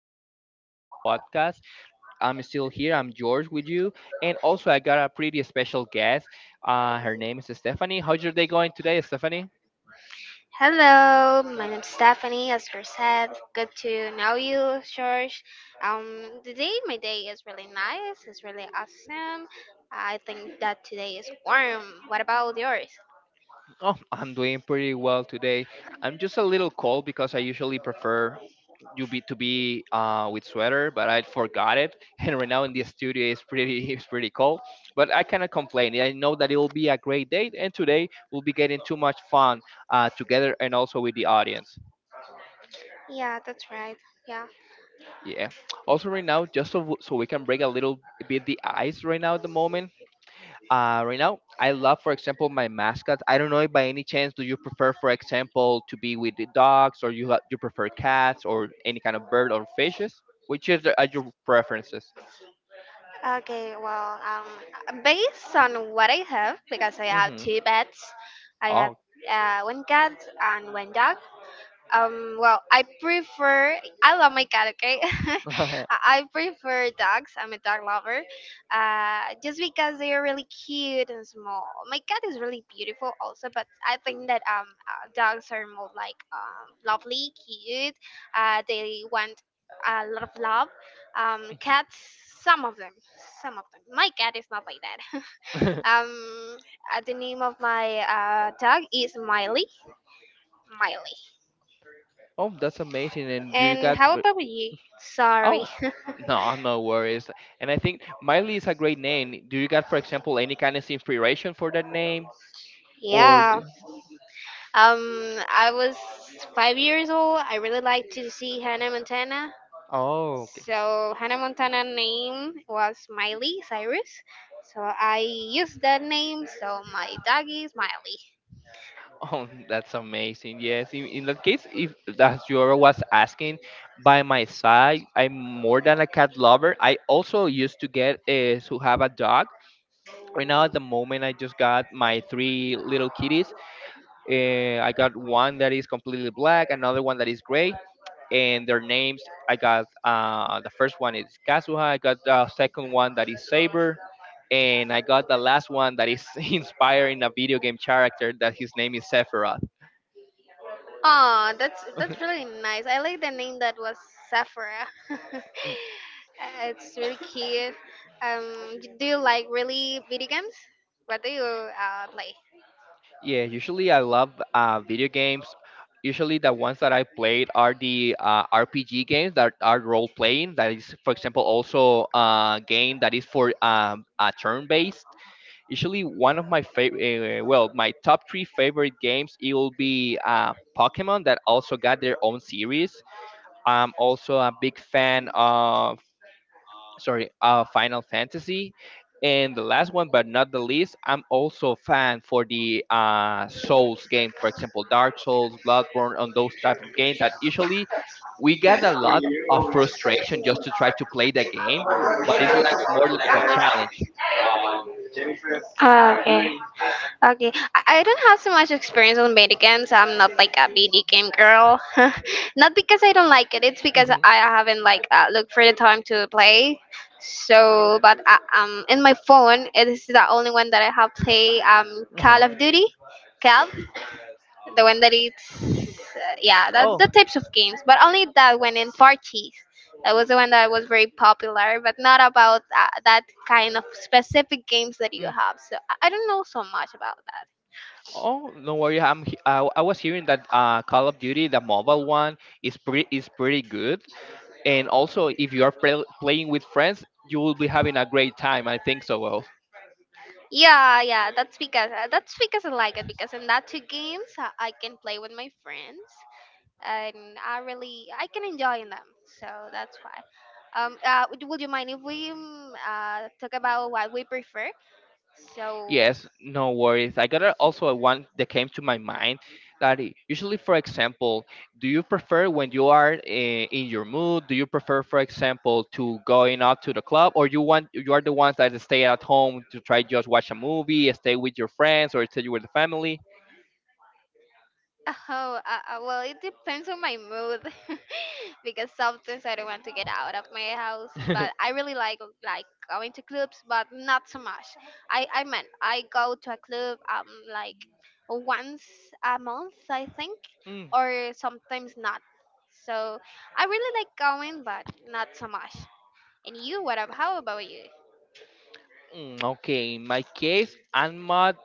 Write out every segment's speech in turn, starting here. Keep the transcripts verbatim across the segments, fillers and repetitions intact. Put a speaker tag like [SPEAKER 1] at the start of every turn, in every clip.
[SPEAKER 1] our currently and daily podcast. I'm still here. I'm George with you, and also I got a pretty special guest. Uh, her name is Stephanie. How's your day going today, Stephanie?
[SPEAKER 2] Hello, my name's Stephanie. As you said, good to know you, George. Um, today my day is really nice. It's really awesome. I think that today is warm. What about yours?
[SPEAKER 1] Oh, I'm doing pretty well today. I'm just a little cold because I usually prefer you be to be uh, with sweater, but I forgot it, and right now in the studio it's pretty it's pretty cold. But I cannot complain. I know that it will be a great day, and today we'll be getting too much fun uh, together and also with the audience.
[SPEAKER 2] Yeah, that's right. Yeah.
[SPEAKER 1] Yeah. Also, right now, just so, so we can break a little bit the ice right now at the moment. Uh, right now I love, for example, my mascots. I don't know if by any chance do you prefer, for example, to be with the dogs, or you ha- you prefer cats or any kind of bird or fishes? Which is the- are your preferences?
[SPEAKER 2] Okay. Well, um, based on what I have, because I have
[SPEAKER 1] Mm-hmm.
[SPEAKER 2] two pets, I have
[SPEAKER 1] Oh.
[SPEAKER 2] uh, one cat and one dog. Um, well, I prefer. I love my cat. Okay, I I prefer dogs. I'm a dog lover. Uh, just because they are really cute and small. My cat is really beautiful, also. But I think that um, uh, dogs are more like um, lovely, cute. Uh, they want a lot of love. Um, cats. Some of them. Some of them. My cat is not like that. um, uh, the name of my uh, dog is Miley. Miley.
[SPEAKER 1] Oh, that's amazing. And do you
[SPEAKER 2] And
[SPEAKER 1] got
[SPEAKER 2] how
[SPEAKER 1] w-
[SPEAKER 2] about you? Sorry.
[SPEAKER 1] oh, no, no worries. And I think Miley is a great name. Do you got, for example, any kind of inspiration for that name? Or
[SPEAKER 2] Yeah.
[SPEAKER 1] d-
[SPEAKER 2] Um, I was five years old. I really liked to see Hannah Montana.
[SPEAKER 1] oh.
[SPEAKER 2] So Hannah Montana name was Miley Cyrus. So I used that name. So my dog is Miley.
[SPEAKER 1] Oh, that's amazing. Yes, in, in that case, if as you was asking, by my side, I'm more than a cat lover. I also used to get uh, to have a dog. Right now, at the moment, I just got my three little kitties. Uh, I got one that is completely black, another one that is gray, and their names. I got uh, the first one is Kazuha. I got the second one that is Saber, and I got the last one that is inspiring a video game character that his name is Sephiroth.
[SPEAKER 2] Oh, that's that's really nice. I like the name that was Sephora. Uh, it's really cute. Um, d- do you like really video games? What do you uh, play?
[SPEAKER 1] Yeah, usually I love uh, video games. Usually the ones that I played are the uh, R P G games that are role playing. That is, for example, also a game that is for um, uh, turn based. Usually one of my favorite, uh, well, my top three favorite games, it will be uh, Pokemon, that also got their own series. I'm also a big fan of sorry, uh, Final Fantasy. And the last one, but not the least, I'm also a fan for the uh, Souls game, for example, Dark Souls, Bloodborne, on those type of game that usually we get a lot of frustration just to try to play the game, but it's like more like a challenge.
[SPEAKER 2] Ah, okay. Okay, I I don't have so much experience on video games. I'm not like a video game girl. Not because I don't like it. It's because
[SPEAKER 1] Hmm.
[SPEAKER 2] I haven't like uh, looked for the time to play. So, but I, um, in my phone, it is the only one that I have play. Um, Call
[SPEAKER 1] Uh-huh.
[SPEAKER 2] of Duty, Cal, the one that it's uh, yeah, that
[SPEAKER 1] Oh,
[SPEAKER 2] the types of games, but only that one in parties. That was the one that was very popular, but not about uh, that kind of specific games that you
[SPEAKER 1] mm.
[SPEAKER 2] have. So I I don't know so much about that.
[SPEAKER 1] Oh, no worry. I'm. he- I, I was hearing that uh, Call of Duty, the mobile one, is pretty is pretty good. And also if you are play- playing with friends, you will be having a great time, I think so. Well,
[SPEAKER 2] Yeah, yeah, that's because uh, that's because I like it because in that two games I I can play with my friends and I really I can enjoy in them. So that's why. Um, uh, would, would you mind if we um, uh, talk about what we prefer? So.
[SPEAKER 1] yes, no worries. I got a, also a one that came to my mind that i- usually, for example, do you prefer when you are eh, in your mood, do you prefer, for example, to going out to the club, or you want, you are the ones that stay at home to try just watch a movie, stay with your friends, or stay with the family?
[SPEAKER 2] oh, uh, uh, well, it depends on my mood. Because sometimes I don't want to get out of my house. But I really like like going to clubs, but not so much. I I mean I go to a club um like once a month I think,
[SPEAKER 1] Mm,
[SPEAKER 2] or sometimes not. So I really like going, but not so much. And you, what up? How about you?
[SPEAKER 1] mm, okay, in my case, i'm not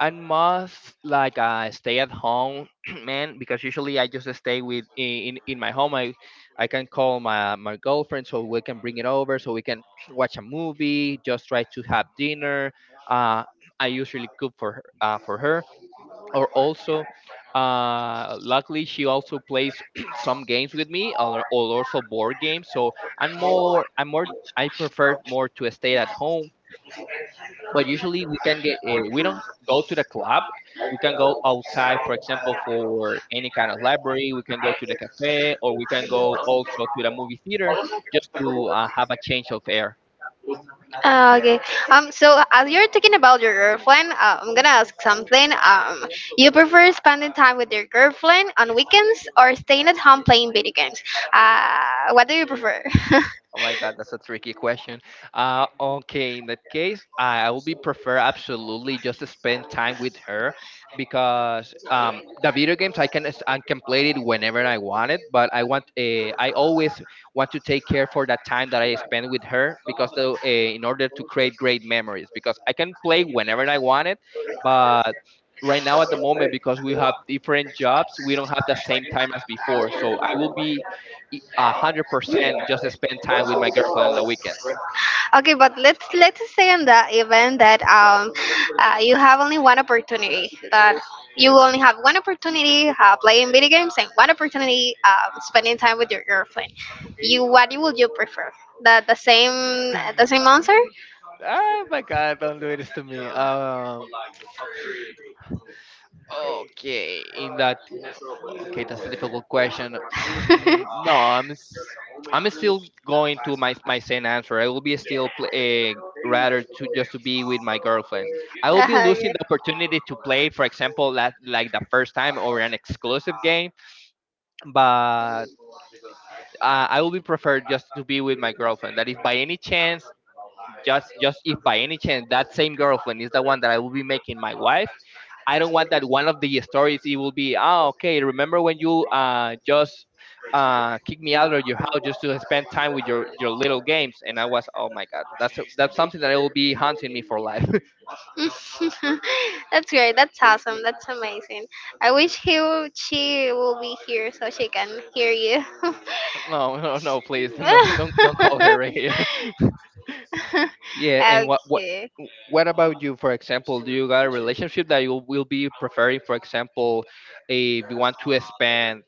[SPEAKER 1] I must like uh, stay at home, man, because usually I just stay with in in my home. I I can call my my girlfriend so we can bring it over, so we can watch a movie, just try to have dinner. Uh, I usually cook for her, uh, for her, or also, uh, luckily she also plays some games with me, or, or also board games. So I'm more I'm more I prefer more to stay at home. But usually we can get uh, we don't go to the club. We can go outside, for example, for any kind of library. We can go to the cafe, or we can go also to the movie theater, just to uh, have a change of air.
[SPEAKER 2] Ah, okay. Um. So as you're talking about your girlfriend, uh, I'm gonna ask something. Um. You prefer spending time with your girlfriend on weekends or staying at home playing video games? Uh, what do you prefer?
[SPEAKER 1] Oh my God, that's a tricky question. Uh, okay, in that case, I I would be prefer absolutely just to spend time with her because um, the video games I can s- I can play it whenever I want it, but I want uh, I always want to take care for that time that I spend with her because the, uh, in order to create great memories because I can play whenever I want it, but right now at the moment, because we have different jobs, we don't have the same time as before, so I will be e- a hundred percent just spend time with my girlfriend on the weekends.
[SPEAKER 2] Okay, but let's let's say in the event that um, uh, you have only one opportunity that you only have one opportunity uh, playing video games and one opportunity um, spending time with your girlfriend. You What you would you prefer? The the same the same answer?
[SPEAKER 1] Oh my god, don't do this to me. Um, okay, in that, okay, that's a difficult question. Mm, no, I'm, s- I'm still going to my my same answer. I will be still play, rather to just to be with my girlfriend. I will be
[SPEAKER 2] Uh-huh,
[SPEAKER 1] losing the opportunity to play, for example, that like the first time or an exclusive game. But uh, I will be preferred just to be with my girlfriend. That if
[SPEAKER 2] yeah.
[SPEAKER 1] by any chance just just if by any chance that same girlfriend is the one that I will be making my wife, I don't want that one of the stories it will be, oh okay, remember when you uh just uh kicked me out of your house just to spend time with your your little games, and I was, oh my god, that's a, that's something that will be haunting me for life.
[SPEAKER 2] That's great. That's awesome. That's amazing. I wish he w- she will be here so she can hear you.
[SPEAKER 1] No, no, no, please. No, don't don't call her right here. Yeah, and what what
[SPEAKER 2] Okay.
[SPEAKER 1] what about you? For example, do you got a relationship that you will be preferring, for example, if you want to expand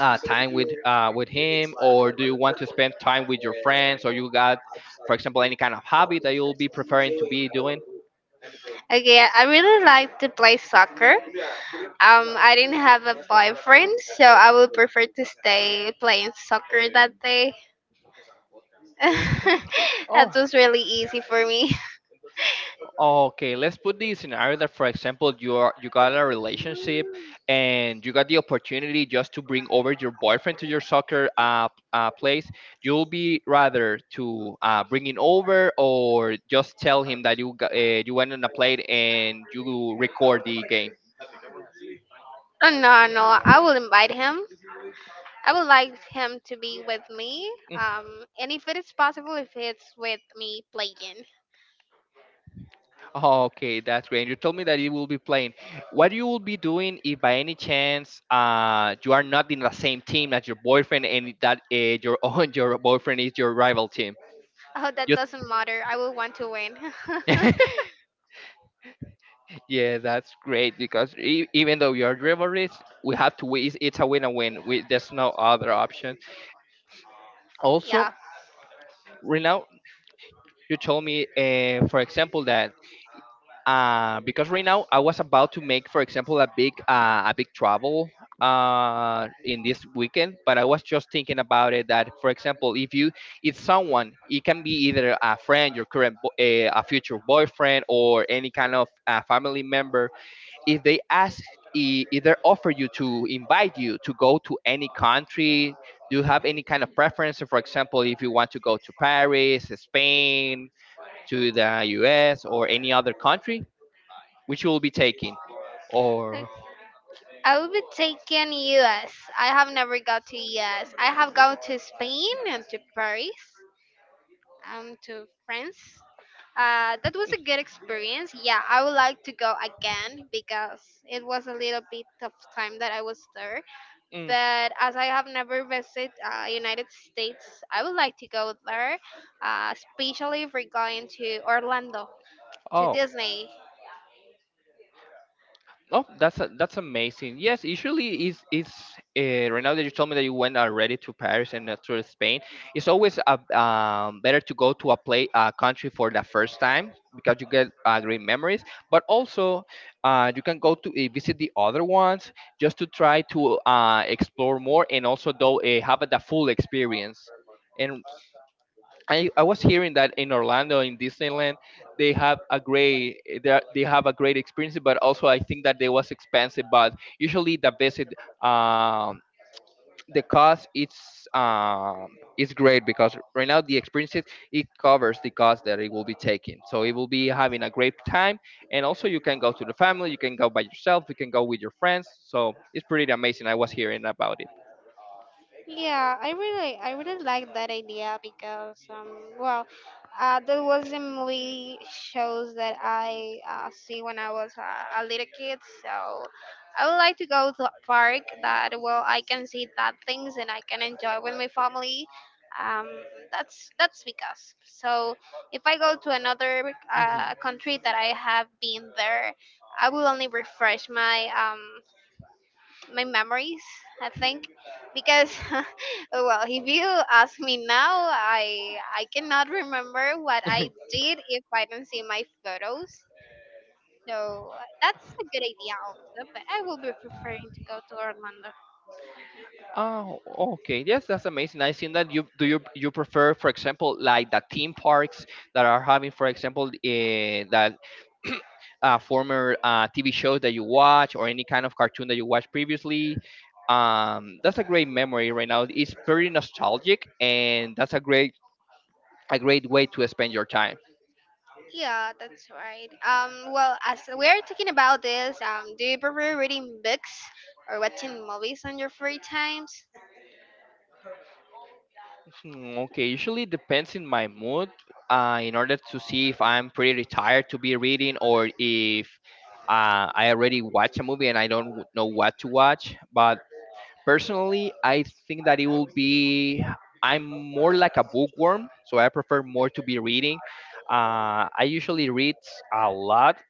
[SPEAKER 1] uh, time with uh, with him, or do you want to spend time with your friends, or you got, for example, any kind of hobby that you'll be preferring to be doing?
[SPEAKER 2] Okay. I I really like to play soccer. Um, I didn't have a boyfriend, so I would prefer to stay playing soccer that day.
[SPEAKER 1] Mm.
[SPEAKER 2] That
[SPEAKER 1] Oh,
[SPEAKER 2] was really easy for me.
[SPEAKER 1] okay. Let's put the scenario that, for example, you are you got a relationship, and you got the opportunity just to bring over your boyfriend to your soccer uh, uh place. You'll be rather to uh, bring him over, or just tell him that you got, uh, you went on a plate and you record the game.
[SPEAKER 2] Oh, no, no, I will invite him. I would like him to be with me. Um, and if it is possible, if it's with me playing.
[SPEAKER 1] Okay, that's great. You told me that you will be playing. What you will be doing if, by any chance, uh, you are not in the same team as your boyfriend, and that uh, your own your boyfriend is your rival team?
[SPEAKER 2] Oh, that
[SPEAKER 1] You
[SPEAKER 2] doesn't matter. I will want to win.
[SPEAKER 1] yeah, that's great because e- even though you are rivalries, we have to win. It's it's a win and win. We, there's no other option. Also,
[SPEAKER 2] Yeah.
[SPEAKER 1] right now, you told me, uh, for example, that uh, because right now I was about to make, for example, a big uh, a big travel uh, in this weekend. But I was just thinking about it that, for example, if you, it's someone, it can be either a friend, your current bo- eh, a future boyfriend, or any kind of uh, family member. If they ask, e- either offer you to invite you to go to any country. Do you have any kind of preference? So, for example, if you want to go to Paris, Spain, to the U S, or any other country, which you will be taking or
[SPEAKER 2] I will be taking U S. I have never got to U S. I have gone to Spain and to Paris, um, to France. Uh, that was a good experience. Yeah, I would like to go again because it was a little bit of time that I was there.
[SPEAKER 1] mm,
[SPEAKER 2] But as I have never visited uh, United States, I would like to go there, uh, especially if we're going to Orlando to
[SPEAKER 1] oh.
[SPEAKER 2] Disney.
[SPEAKER 1] Oh, that's a, that's amazing. Yes, usually is is uh, right now that you told me that you went already to Paris and uh, to Spain. It's always a, um, better to go to a play a country for the first time because you get uh, great memories. But also uh, you can go to uh, visit the other ones, just to try to uh, explore more, and also though uh, have the full experience. And I, I was hearing that in Orlando, in Disneyland, they have a great they are- they have a great experience, but also I think that they was expensive. But usually the visit, um, the cost, it's um, it's great because right now the experiences, it covers the cost that it will be taking. So it will be having a great time, and also you can go to the family, you can go by yourself, you can go with your friends. So it's pretty amazing. I was hearing about
[SPEAKER 2] Yeah, I really, I really like that idea because, um, well, uh, that was the movie shows that I uh, see when I was uh, a little kid. So I would like to go to a park that, well, I can see that things and I can enjoy with my family. Um, that's that's because. So if I go to another uh,
[SPEAKER 1] it.
[SPEAKER 2] country that I have been there, I will only refresh my um my memories, I think, because well, if you ask me now, I I cannot remember what I did if I don't see my photos. So uh, that's a good idea also, but I will be preferring to go to Orlando.
[SPEAKER 1] Oh, okay. Yes, that's amazing. I've seen that. You do you you prefer, for example, like the theme parks that are having, for example, uh, that uh, former uh, T V shows that you watch or any kind of cartoon that you watched previously. Um, that's a great memory right now. It's pretty nostalgic, and that's a great a great way to spend your time.
[SPEAKER 2] Yeah, that's right. Um, well, as we are talking about this, um, do you prefer reading books or watching movies on your free times?
[SPEAKER 1] Mm, okay, usually depends in my mood. Uh, in order to see if I'm pretty tired to be reading or if uh, I already watched a movie and I don't w- know what to watch. But personally, I think that it will be. I'm more like a bookworm, so I prefer more to be reading. Uh, I usually read a lot,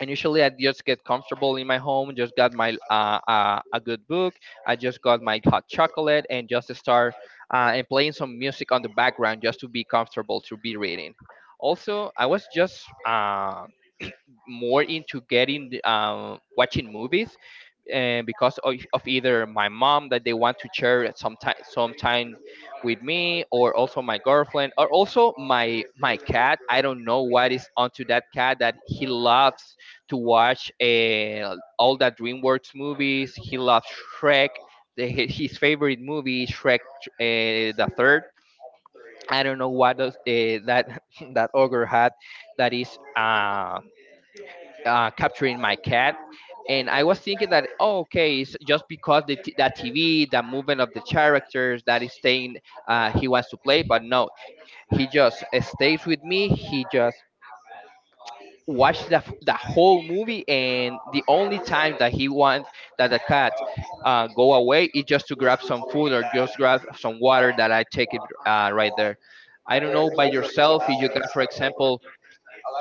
[SPEAKER 1] and usually I just get comfortable in my home, just got my uh, uh, a good book, I just got my hot chocolate and just start uh, and playing some music on the background just to be comfortable to be reading. Also, I was just uh, more into getting um, watching movies, and because of, of either my mom that they want to share at some time some time with me, or also my girlfriend, or also my my cat. I don't know what is onto that cat that he loves to watch uh, all the Dreamworks movies. He loves Shrek. The, his favorite movie is shrek uh, the third. I don't know what does uh, that that ogre had that is uh, uh, capturing my cat. And I was thinking that, oh, okay, it's just because the t- that TV, the movement of the characters that is staying uh, he wants to play, but no, he just uh, stays with me. He just watched the, f- the whole movie, and the only time that he wants, that the cat uh, go away, is just to grab some food or just grab some water that I take it uh, right there. I don't know by yourself, if you got, for example,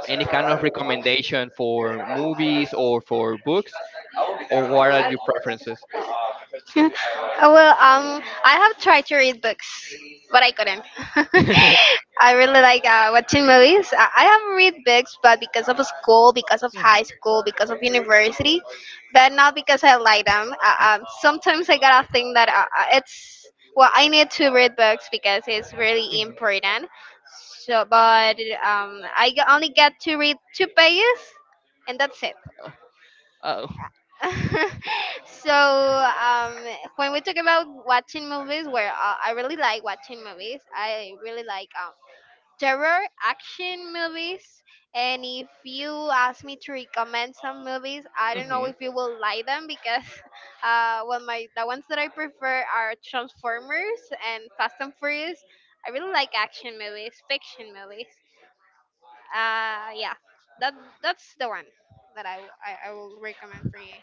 [SPEAKER 1] any kind of recommendation for movies or for books, or what are your preferences?
[SPEAKER 2] Uh, well, um, I have tried to read books, but I couldn't. I really like uh, watching movies. I, I have read books, but because of school, because of
[SPEAKER 1] Mhm,
[SPEAKER 2] high school, because of university, but not because I like them.
[SPEAKER 1] mm,
[SPEAKER 2] Uh, um, sometimes I gotta think that uh, uh, it's well, I need to read books because it's really
[SPEAKER 1] mhm.
[SPEAKER 2] important. So, but um, I g- only get to read two pages, and that's it.
[SPEAKER 1] Oh,
[SPEAKER 2] So um, when we talk about watching movies, where uh, I really like watching movies, I really like um, terror action movies. And if you ask me to recommend some movies, I don't know
[SPEAKER 1] mhm.
[SPEAKER 2] if you will like them because uh, well, my the ones that I prefer are Transformers and Fast and Furious. I really like action movies, fiction movies. Uh, yeah, that that's the one that I, w- I I will recommend for you.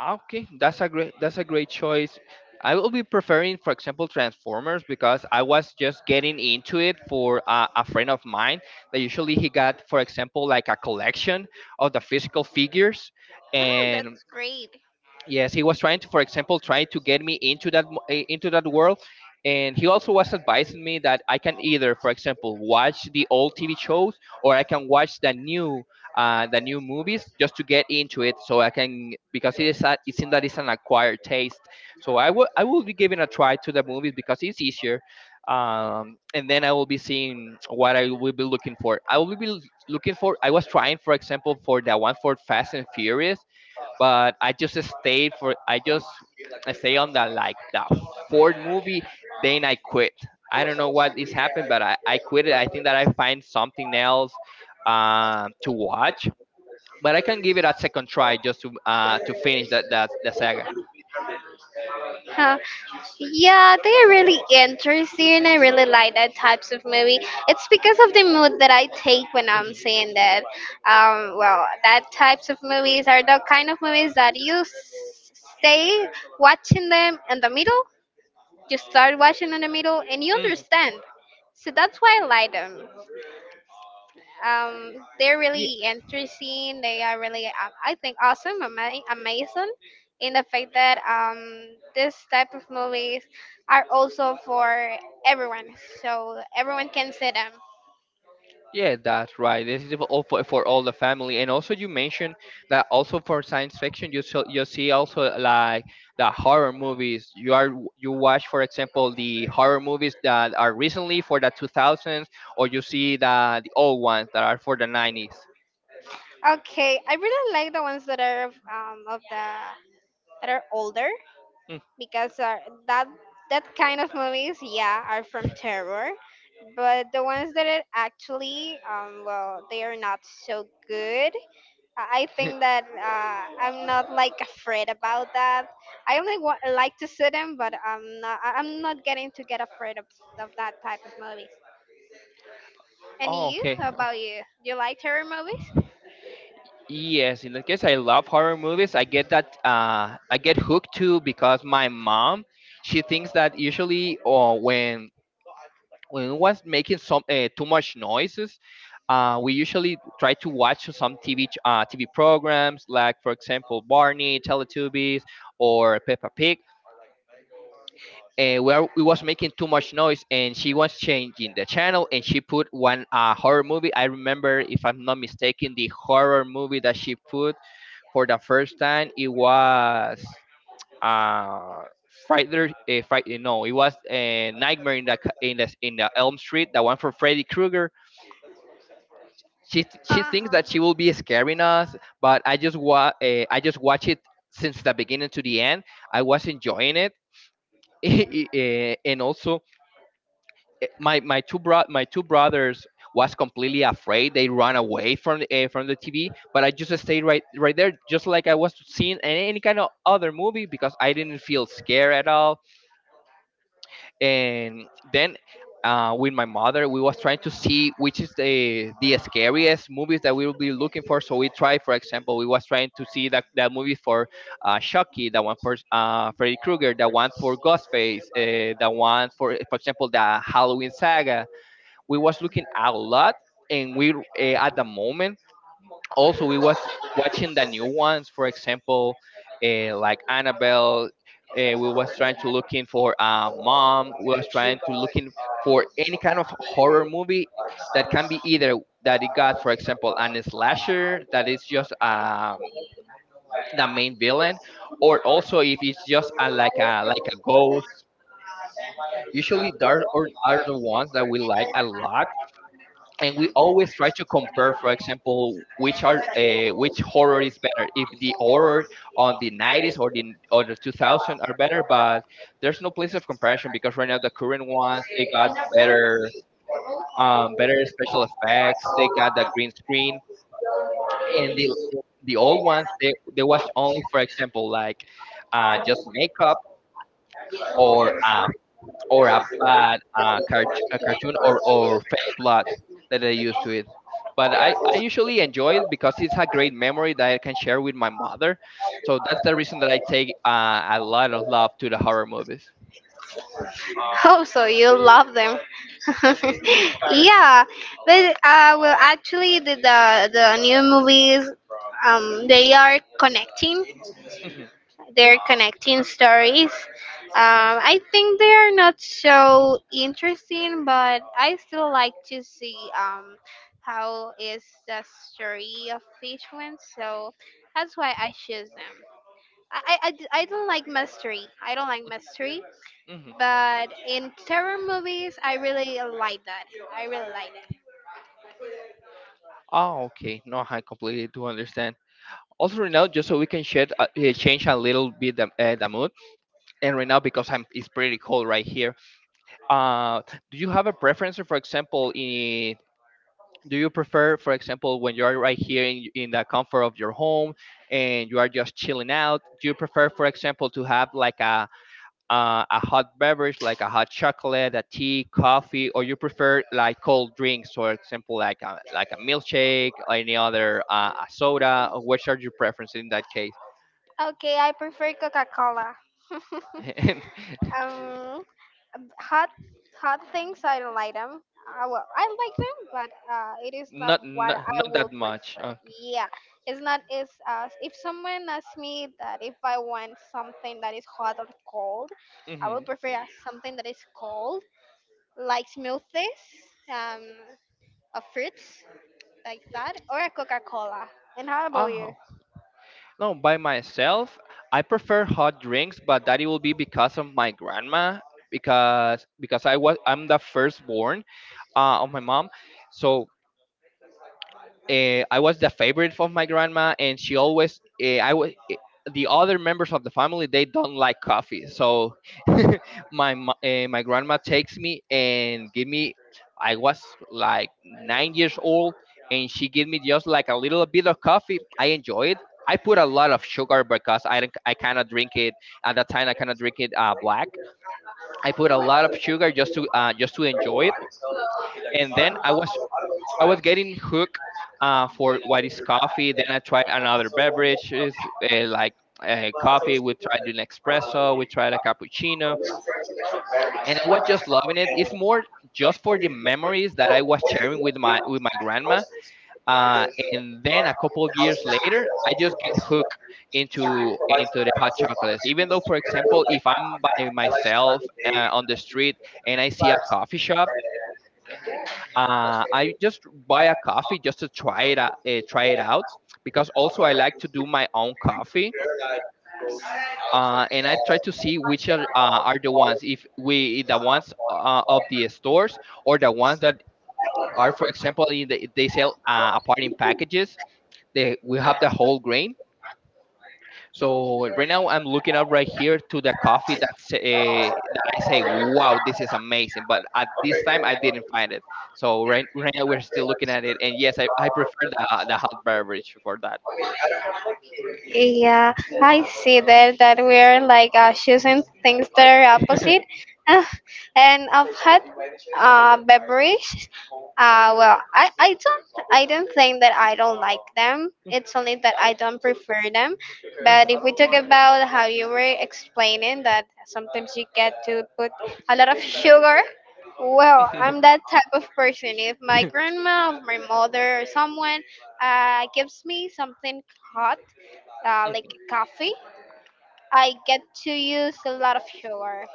[SPEAKER 1] Okay. That's a great. That's a great choice. I will be preferring, for example, Transformers, because I was just getting into it for uh, a friend of mine. That usually he got, for example, like a collection of the physical figures,
[SPEAKER 2] Oh,
[SPEAKER 1] and
[SPEAKER 2] that's great.
[SPEAKER 1] yes, he was trying to, for example, trying to get me into that mo- eh, into that world. And he also was advising me that I can either, for example, watch the old TV shows, or I can watch the new uh, the new movies, just to get into it, so I can, because it is a, it seems that it's an acquired taste. So i will i will be giving a try to the movies because it's easier. Um, and then I will be seeing what I will be looking for. I will be l- Looking for, I was trying, for example, for the one for Fast and Furious, but I just stayed for, I just, I stayed on the, like, the fourth movie, then I quit. I don't know what is happened, but I, I quit it. I think that I find something else um, to watch. But I can give it a second try just to uh, to finish that that the saga.
[SPEAKER 2] Huh. Yeah, they're really interesting. And I really like that types of movie. It's because of the mood that I take when I'm
[SPEAKER 1] Hmm.
[SPEAKER 2] seeing that. Um, well, that types of movies are the kind of movies that you s- stay watching them in the middle. You start watching in the middle, and you
[SPEAKER 1] Hmm.
[SPEAKER 2] understand. So that's why I like them. um they're really interesting. They are really um, I think awesome, ama- amazing, in the fact that um this type of movies are also for everyone, so everyone can see them.
[SPEAKER 1] Yeah, that's right. This is all for, for all the family, and also you mentioned that also for science fiction, you, so, you see also like the horror movies. You are, you watch, for example, the horror movies that are recently for the two thousands, or you see the the old ones that are for the nineties.
[SPEAKER 2] Okay, I really like the ones that are of, um of the that are older,
[SPEAKER 1] Mm.
[SPEAKER 2] because uh, that that kind of movies yeah are from terror, but the ones that are actually um well, they are not so good. I think that uh, I'm not like afraid about that. I only wa- like to see them, but I'm not. I- I'm not getting to get afraid of, of that type of movies. And
[SPEAKER 1] Oh,
[SPEAKER 2] you?
[SPEAKER 1] okay.
[SPEAKER 2] How about you? Do you like terror movies?
[SPEAKER 1] Yes, in that case, I love horror movies. I get that. Uh, I get hooked too because my mom, she thinks that usually, or when when it was making some uh, too much noises, uh, we usually try to watch some T V ch- uh, T V programs, like for example Barney, Teletubbies, or Peppa Pig. And where it was making too much noise, and she was changing the channel, and she put one uh, horror movie. I remember, if I'm not mistaken, the horror movie that she put for the first time, it was uh, Friday, uh, Friday. No, it was uh, Nightmare in the Ca- in the in the Elm Street, the one for Freddy Krueger. She th- she thinks
[SPEAKER 2] Uh-huh.
[SPEAKER 1] that she will be scaring us, but I just wa- uh, I just watch it since the beginning to the end. I was enjoying it. Eh, and also eh, my my two bro- my two brothers was completely afraid. They ran away from uh, from the T V, but I just stayed right right there, just like I was seeing any, any kind of other movie because I didn't feel scared at all. And then uh, with my mother, we was trying to see which is the the scariest movies that we will be looking for. So we tried, for example, we was trying to see that, that movie for uh, Chucky, that one for uh, Freddy Krueger, that one for Ghostface uh, that one for for example, the Halloween saga. We was looking a lot, and we uh, at the moment, also we was watching the new ones, for example, uh, like annabelle uh, We was trying to looking for a mom, we was trying to looking for any kind of horror movie that can be either that it got, for example, an slasher that is just um, the main villain, or also if it's just a, like a like a ghost. Usually those are, are the ones that we like a lot. And we always try to compare, for example, which are uh, which horror is better, if the horror on the nineties or the or the two thousand are better. But there's no place of comparison, because right now the current ones, they got better, um, better special effects, they got the green screen, and the the old ones, they, they was only, for example, like uh, just makeup, or uh, or a bad uh, cart- a cartoon, or, or fake blood, that I used to it. But I, I usually enjoy it, because it's a great memory that I can share with my mother. So that's the reason that I take uh, a lot of love to the horror movies.
[SPEAKER 2] Oh, so you love them. Yeah, but uh, well, actually, the, the the new movies, um, they are connecting.
[SPEAKER 1] Hmm.
[SPEAKER 2] They're connecting stories. Um, I think they are not so interesting, but I still like to see um how is the story of each one. So that's why I choose them. I, I, I d- I don't like mystery. I don't like mystery.
[SPEAKER 1] Hmm.
[SPEAKER 2] But in terror movies, I really like that. I really like
[SPEAKER 1] Oh, okay. No, I completely do understand. Also, right now, just so we can shed, uh, eh, change a little bit the, uh, the mood, and right now because I'm, it's pretty cold right here. Uh, do you have a preference, for example, in, do you prefer, for example, when you are right here in, in the comfort of your home, and you are just chilling out, do you prefer, for example, to have like a uh, a hot beverage, like a hot chocolate, a tea, coffee, or you prefer like cold drinks, for example, like a, like a milkshake, or any other uh, a soda, or which are your preferences in that case?
[SPEAKER 2] that. Okay, I prefer Coca Cola. um, hot hot things, I don't like them. I, well, I like them, but uh, it is not
[SPEAKER 1] Not,
[SPEAKER 2] what
[SPEAKER 1] not
[SPEAKER 2] I
[SPEAKER 1] not that
[SPEAKER 2] would
[SPEAKER 1] much,
[SPEAKER 2] prefer.
[SPEAKER 1] okay.
[SPEAKER 2] Yeah, it's not. It's uh, if someone asks me that if I want something that is hot or cold, I
[SPEAKER 1] Hmm.
[SPEAKER 2] would prefer uh, something that is cold like smoothies, um, of fruits like that, or a Coca Cola. And how about you?
[SPEAKER 1] No, by myself, I prefer hot drinks, but that it will be because of my grandma, because because I was, I'm the firstborn uh, of my mom, so uh, I was the favorite of my grandma, and she always uh, I was, the other members of the family they don't like coffee, so my uh, my grandma takes me and give me. I was like nine years old, and she gave me just like a little bit of coffee. I enjoy it. I put a lot of sugar because I don't, I cannot drink it at that time. I cannot drink it uh, black. I put a lot of sugar just to uh, just to enjoy it. And then I was, I was getting hooked uh, for what is coffee. Then I tried another beverage, is uh, like uh, coffee. We tried an espresso. We tried a cappuccino, and I was just loving it. It's more just for the memories that I was sharing with my with my grandma. Uh, and then a couple years later, I just get hooked into into the hot chocolates. Even though, for example, if I'm by myself uh, on the street, and I see a coffee shop, uh, I just buy a coffee just to try it out, uh, try it out, because also I like to do my own coffee, uh, and I try to see which are, uh, are the ones, if we the ones uh, of the stores, or the ones that are, for example, in the, they sell uh, apart in packages, they we have the whole grain. So right now I'm looking up right here to the coffee that's, uh, that I say, wow, this is amazing. But at this time I didn't find it. So right right now we're still looking at it. And yes, I, I prefer the, uh, the hot beverage for that.
[SPEAKER 2] Yeah, I see that that we're like uh, choosing things that are opposite. Ah, and I've had uh, beverage. Uh, well, I, I don't I don't think that I don't like them. It's only that I don't prefer them. But
[SPEAKER 1] Mhm,
[SPEAKER 2] if we talk about how you were explaining that sometimes you get to put a lot of sugar, well,
[SPEAKER 1] mhm,
[SPEAKER 2] I'm that type of person. If my grandma or my mother or someone uh, gives me something hot, uh, like coffee, I get to use a lot of sugar.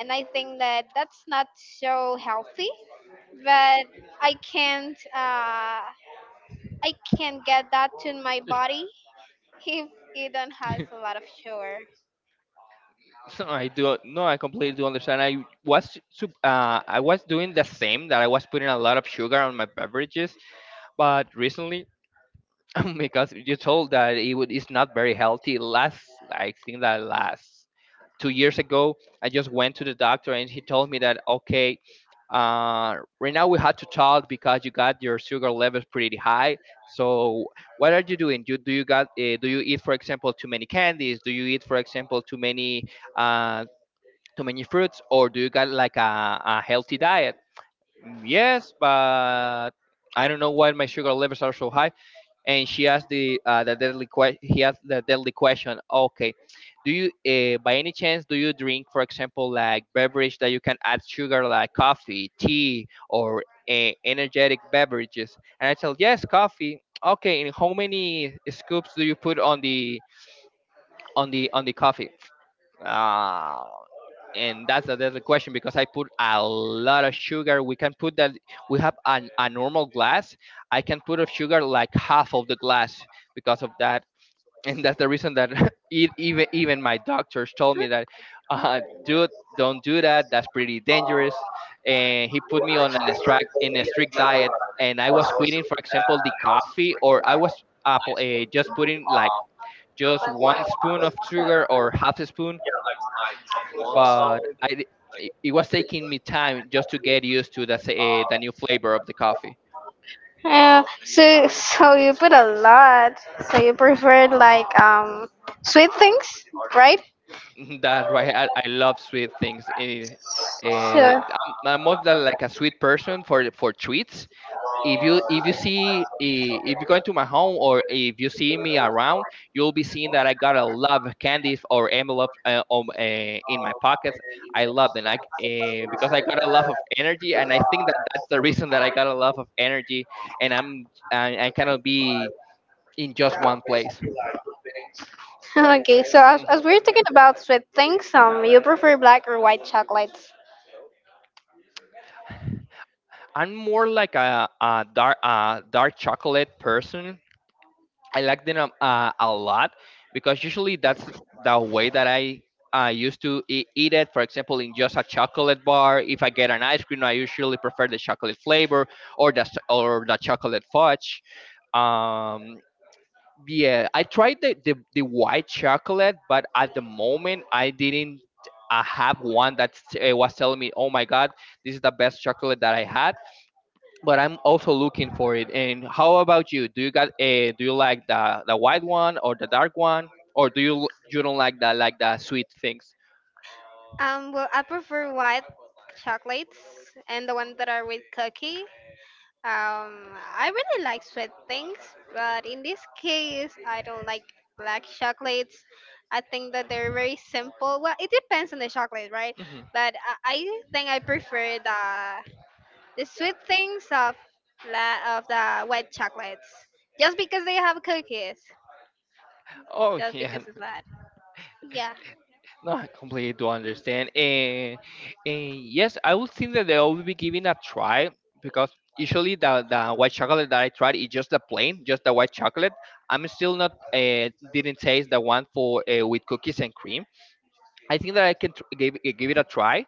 [SPEAKER 2] And I think that that's not so healthy, but I can't uh, I can't get that to my body if it don't has
[SPEAKER 1] mhm.
[SPEAKER 2] a lot of sugar.
[SPEAKER 1] So I do, no, I completely do understand. I was sup- uh, I was doing the same that I was putting a lot of sugar on my beverages, but recently because you told that it would, it's not very healthy. Last, I think that last two years ago, I just went to the doctor and he told me that, okay, uh, right now we had to talk because you got your sugar levels pretty high. So what are you doing? Do, do you got, uh, do you eat, for example, too many candies? Do you eat, for example, too many uh, too many fruits, or do you got like a, a healthy diet? Mm, yes, but I don't know why my sugar levels are so high, and she asked the uh, the deadly question. He asked the deadly question. Okay, do you, uh, by any chance, do you drink, for example, like beverage that you can add sugar, like coffee, tea, or uh, energetic beverages? And I said, yes, coffee. Okay, and how many scoops do you put on the on the on the coffee? Uh, and that's another question because I put a lot of sugar. We can put that. We have an, a normal glass. I can put of sugar like half of the glass because of that, and that's the reason that e- even even my doctors told me that, uh, dude, don't do that. That's pretty dangerous. And he put me on an strict in a strict diet, and I was quitting, for example, the coffee, or I was apple, uh, just putting like just one spoon of sugar or half a spoon, but I di- it it was taking me time just to get used to the uh, the new flavor of the coffee.
[SPEAKER 2] Uh, so so you put a lot. So you prefer like um sweet things, right?
[SPEAKER 1] That's why I, I love sweet things. Eh, eh,
[SPEAKER 2] So
[SPEAKER 1] I'm, I'm more than like a sweet person for for treats. If you if you see i- if you go into my home or if you see me around, you'll be seeing that I got a lot of candies or envelopes uh, um, uh, in my pockets. I love them. I, uh, because I got a lot of energy, and I think that that's the reason that I got a lot of energy, and i'm i, I cannot be in just one place.
[SPEAKER 2] okay. So as,
[SPEAKER 1] Mm.
[SPEAKER 2] as we're talking about sweet things, um, you prefer black or white chocolates?
[SPEAKER 1] I'm more like a, a dark a dark chocolate person. I like them um, uh, a lot, because usually that's the way that I uh, used to e- eat it. For example, in just a chocolate bar, if I get an ice cream, I usually prefer the chocolate flavor or the s- or the chocolate fudge. Um, yeah, I tried the, the the white chocolate, but at the moment I didn't uh have one that uh, was telling me, "Oh my God, this is the best chocolate that I had." But I'm also looking for it. And how about you? Do you got a? Do you like the the white one or the dark one, or do you you don't like the like the sweet things?
[SPEAKER 2] Um, well, I prefer white chocolates and the ones that are with cookie. Um, I really like sweet things, but in this case, I don't like black chocolates. I think that they're very simple. Well, it depends on the chocolate, right?
[SPEAKER 1] Hmm.
[SPEAKER 2] But I, I think I prefer the the sweet things of la- of the white chocolates, just because they have cookies,
[SPEAKER 1] Oh
[SPEAKER 2] just
[SPEAKER 1] yeah.
[SPEAKER 2] because of that. Yeah.
[SPEAKER 1] No, I completely do understand. And, and yes, I would think that they will be giving a try, because usually the, the white chocolate that I tried is just the plain, just the white chocolate. I'm still not, uh, didn't taste the one for uh, with cookies and cream. I think that I can tr- give it- give it a try,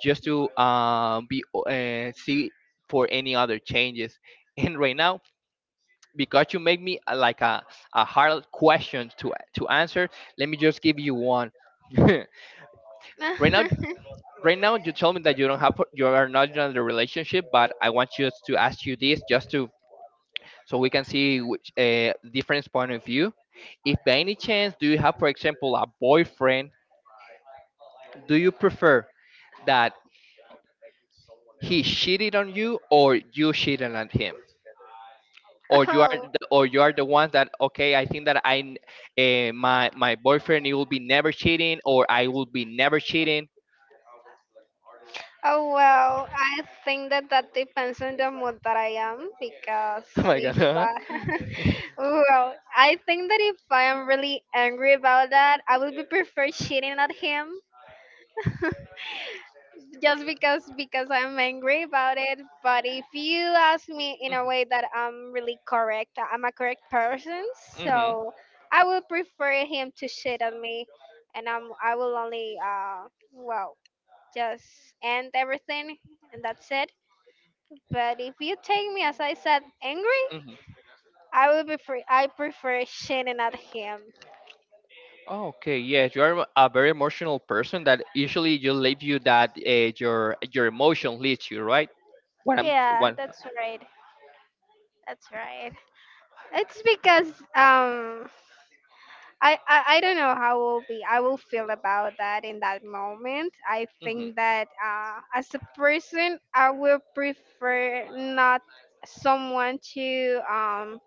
[SPEAKER 1] just to uh, be o- uh, see for any other changes. And right now, because you make me uh, like a, a hard question to to answer, let me just give you one. right now, right now, you told me that you don't have, you are not in a relationship, but I want just to ask you this, just to, so we can see which uh, different point of view. If by any chance do you have, for example, a boyfriend, do you prefer that he cheated on you or you cheated on him, or you are
[SPEAKER 2] oh
[SPEAKER 1] the, or you are the one that, okay, I think that I uh, my my boyfriend, he will be never cheating or I will be never cheating.
[SPEAKER 2] Oh well, I think that that depends on the mood that I am, because
[SPEAKER 1] Oh my God.
[SPEAKER 2] if
[SPEAKER 1] Huh?
[SPEAKER 2] I, well, I think that if I am really angry about that, I would be prefer cheating at him, just because because I'm angry about it. But if you ask me in a way that I'm really correct, I'm a correct person,
[SPEAKER 1] Mhm, mhm,
[SPEAKER 2] so I would prefer him to cheat on me, and I'm I will only uh well just end everything, and that's it. But if you take me, as I said, angry,
[SPEAKER 1] mhm.
[SPEAKER 2] I would be free. I prefer Shannon at him.
[SPEAKER 1] Okay, yes, you are a very emotional person that usually you leave you that uh, your your emotion leads you, right? what i'm
[SPEAKER 2] Yeah,
[SPEAKER 1] what
[SPEAKER 2] that's right. That's right. It's because um I, I I don't know how will be I will feel about that in that moment. I think that uh as a person I will prefer not someone to um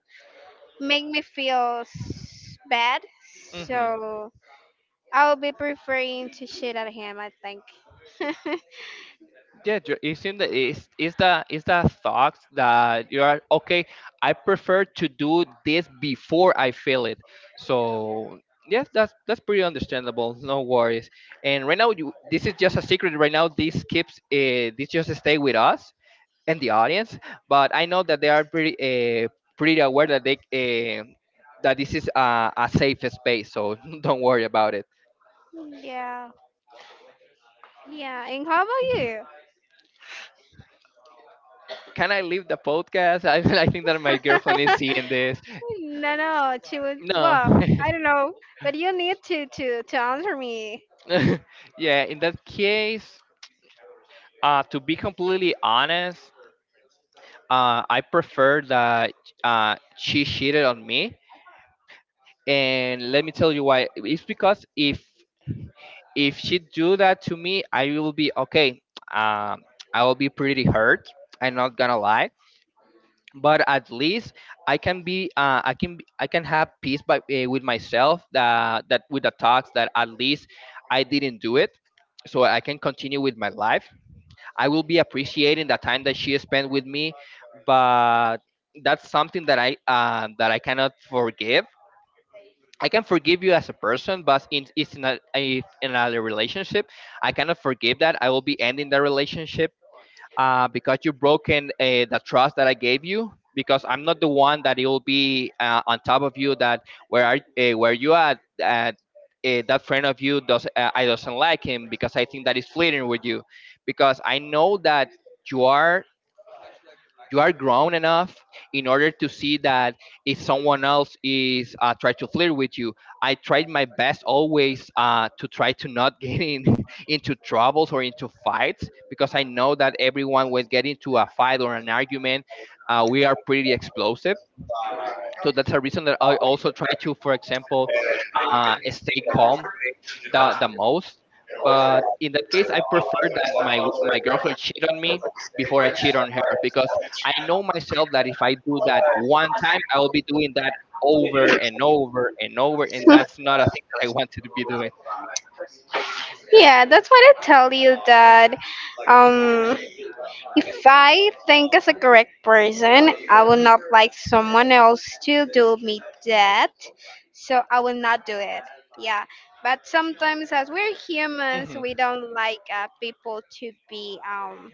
[SPEAKER 2] make me feel s- bad.
[SPEAKER 1] Hmm.
[SPEAKER 2] So I will be preferring to shit at him, I think.
[SPEAKER 1] Yeah, ju- it's in the it's, it's the it's the thoughts that you are okay. I prefer to do this before I feel it. So yes, that's that's pretty understandable. No worries. And right now, you this is just a secret. Right now, these skips uh, this just stay with us and the audience. But I know that they are pretty uh, pretty aware that they uh, that this is a, a safe space. So don't worry about it.
[SPEAKER 2] Yeah, yeah. And how about you?
[SPEAKER 1] Can I leave the podcast? I, I think that my girlfriend is seeing this.
[SPEAKER 2] No, no. She was
[SPEAKER 1] No.
[SPEAKER 2] well. I don't know, but you need to to to answer me.
[SPEAKER 1] Yeah, in that case, uh, to be completely honest, uh, I prefer that uh, she cheated on me, and let me tell you why. It's because if if she do that to me, I will be okay. Um, I will be pretty hurt. I'm not gonna lie, but at least I can be, uh, I can, be, I can have peace by, uh, with myself that that with the thoughts that at least I didn't do it, so I can continue with my life. I will be appreciating the time that she spent with me, but that's something that I uh, that I cannot forgive. I can forgive you as a person, but in it's in a if in a relationship, I cannot forgive that. I will be ending the relationship, uh, because you've broken uh, the trust that I gave you. Because I'm not the one that it will be uh, on top of you, that where are uh, where you at, at uh, that friend of you does, uh, I doesn't like him because I think that is flirting with you, because I know that you are you are grown enough in order to see that if someone else is, uh, try to flirt with you. I tried my best always, uh, to try to not get in, into troubles or into fights, because I know that everyone would get into a fight or an argument. Uh, we are pretty explosive, so that's a reason that I also try to, for example, uh, stay calm the the most. But in that case, I prefer that my w- my girlfriend cheat on me before I cheat on her, because I know myself that if I do that one time, I will be doing that over and over and over, and that's not a thing that I want to be doing.
[SPEAKER 2] Yeah, that's what I tell you that.
[SPEAKER 1] Mhm,
[SPEAKER 2] Um, if I think as a correct person, I will
[SPEAKER 1] mhm,
[SPEAKER 2] not like someone else to do me that. So I will not do it. Yeah, but sometimes as we're humans,
[SPEAKER 1] mhm,
[SPEAKER 2] we don't like uh, people to be um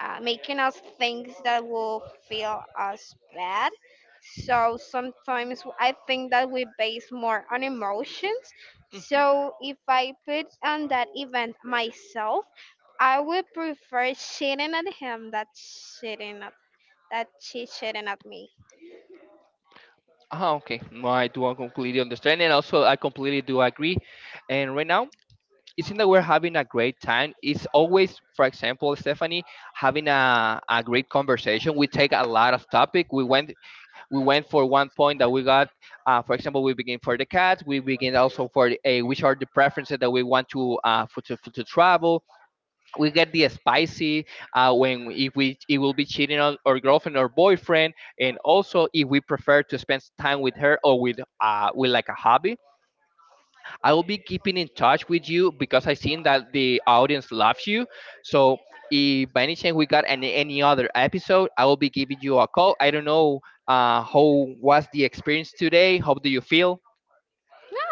[SPEAKER 2] uh, making us things that will feel us bad. So sometimes w- I think that we base more on emotions.
[SPEAKER 1] mhm.
[SPEAKER 2] So if I put on that event myself, I would prefer shitting at him. That shitting at that she shitting at me.
[SPEAKER 1] Ah, okay. No, I do completely understand, and also I completely do agree. And right now, it seems that we're having a great time. It's always, for example, Stephanie, having a, a great conversation. We take a lot of topic. We went we went for one point that we got. Uh, for example, we begin for the cats. We begin also for the, uh, which are the preferences that we want to, uh, for to, for to travel. We get the spicy, uh, when if we, it will be cheating on our girlfriend or boyfriend, and also if we prefer to spend time with her or with uh, with like a hobby. I will be keeping in touch with you because I seen that the audience loves you. So if by any chance we got any any other episode, I will be giving you a call. I don't know, uh, how was the experience today. How do you feel?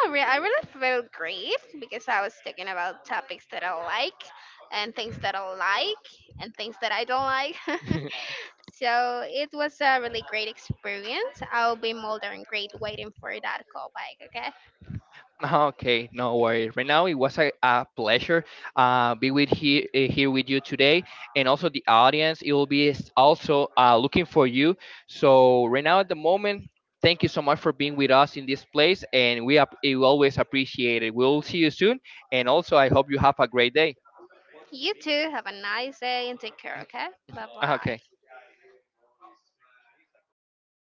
[SPEAKER 2] No, re- I really feel great because I was talking about topics that I like and things that I like and things that I don't like. So it was a really great experience. I'll be more than great waiting for that call back, okay?
[SPEAKER 1] Ah, okay, no worries. Right now, it was a, a pleasure, uh, be with here here with you today, and also the audience. It will be s- also uh, looking for you. So right now, at the moment, thank you so much for being with us in this place, and we, ap- we always appreciate it. We'll see you soon, and also I hope you have a great day.
[SPEAKER 2] You too. Have a nice day and take care, okay? Bye
[SPEAKER 1] Ah,
[SPEAKER 2] bye.
[SPEAKER 1] okay.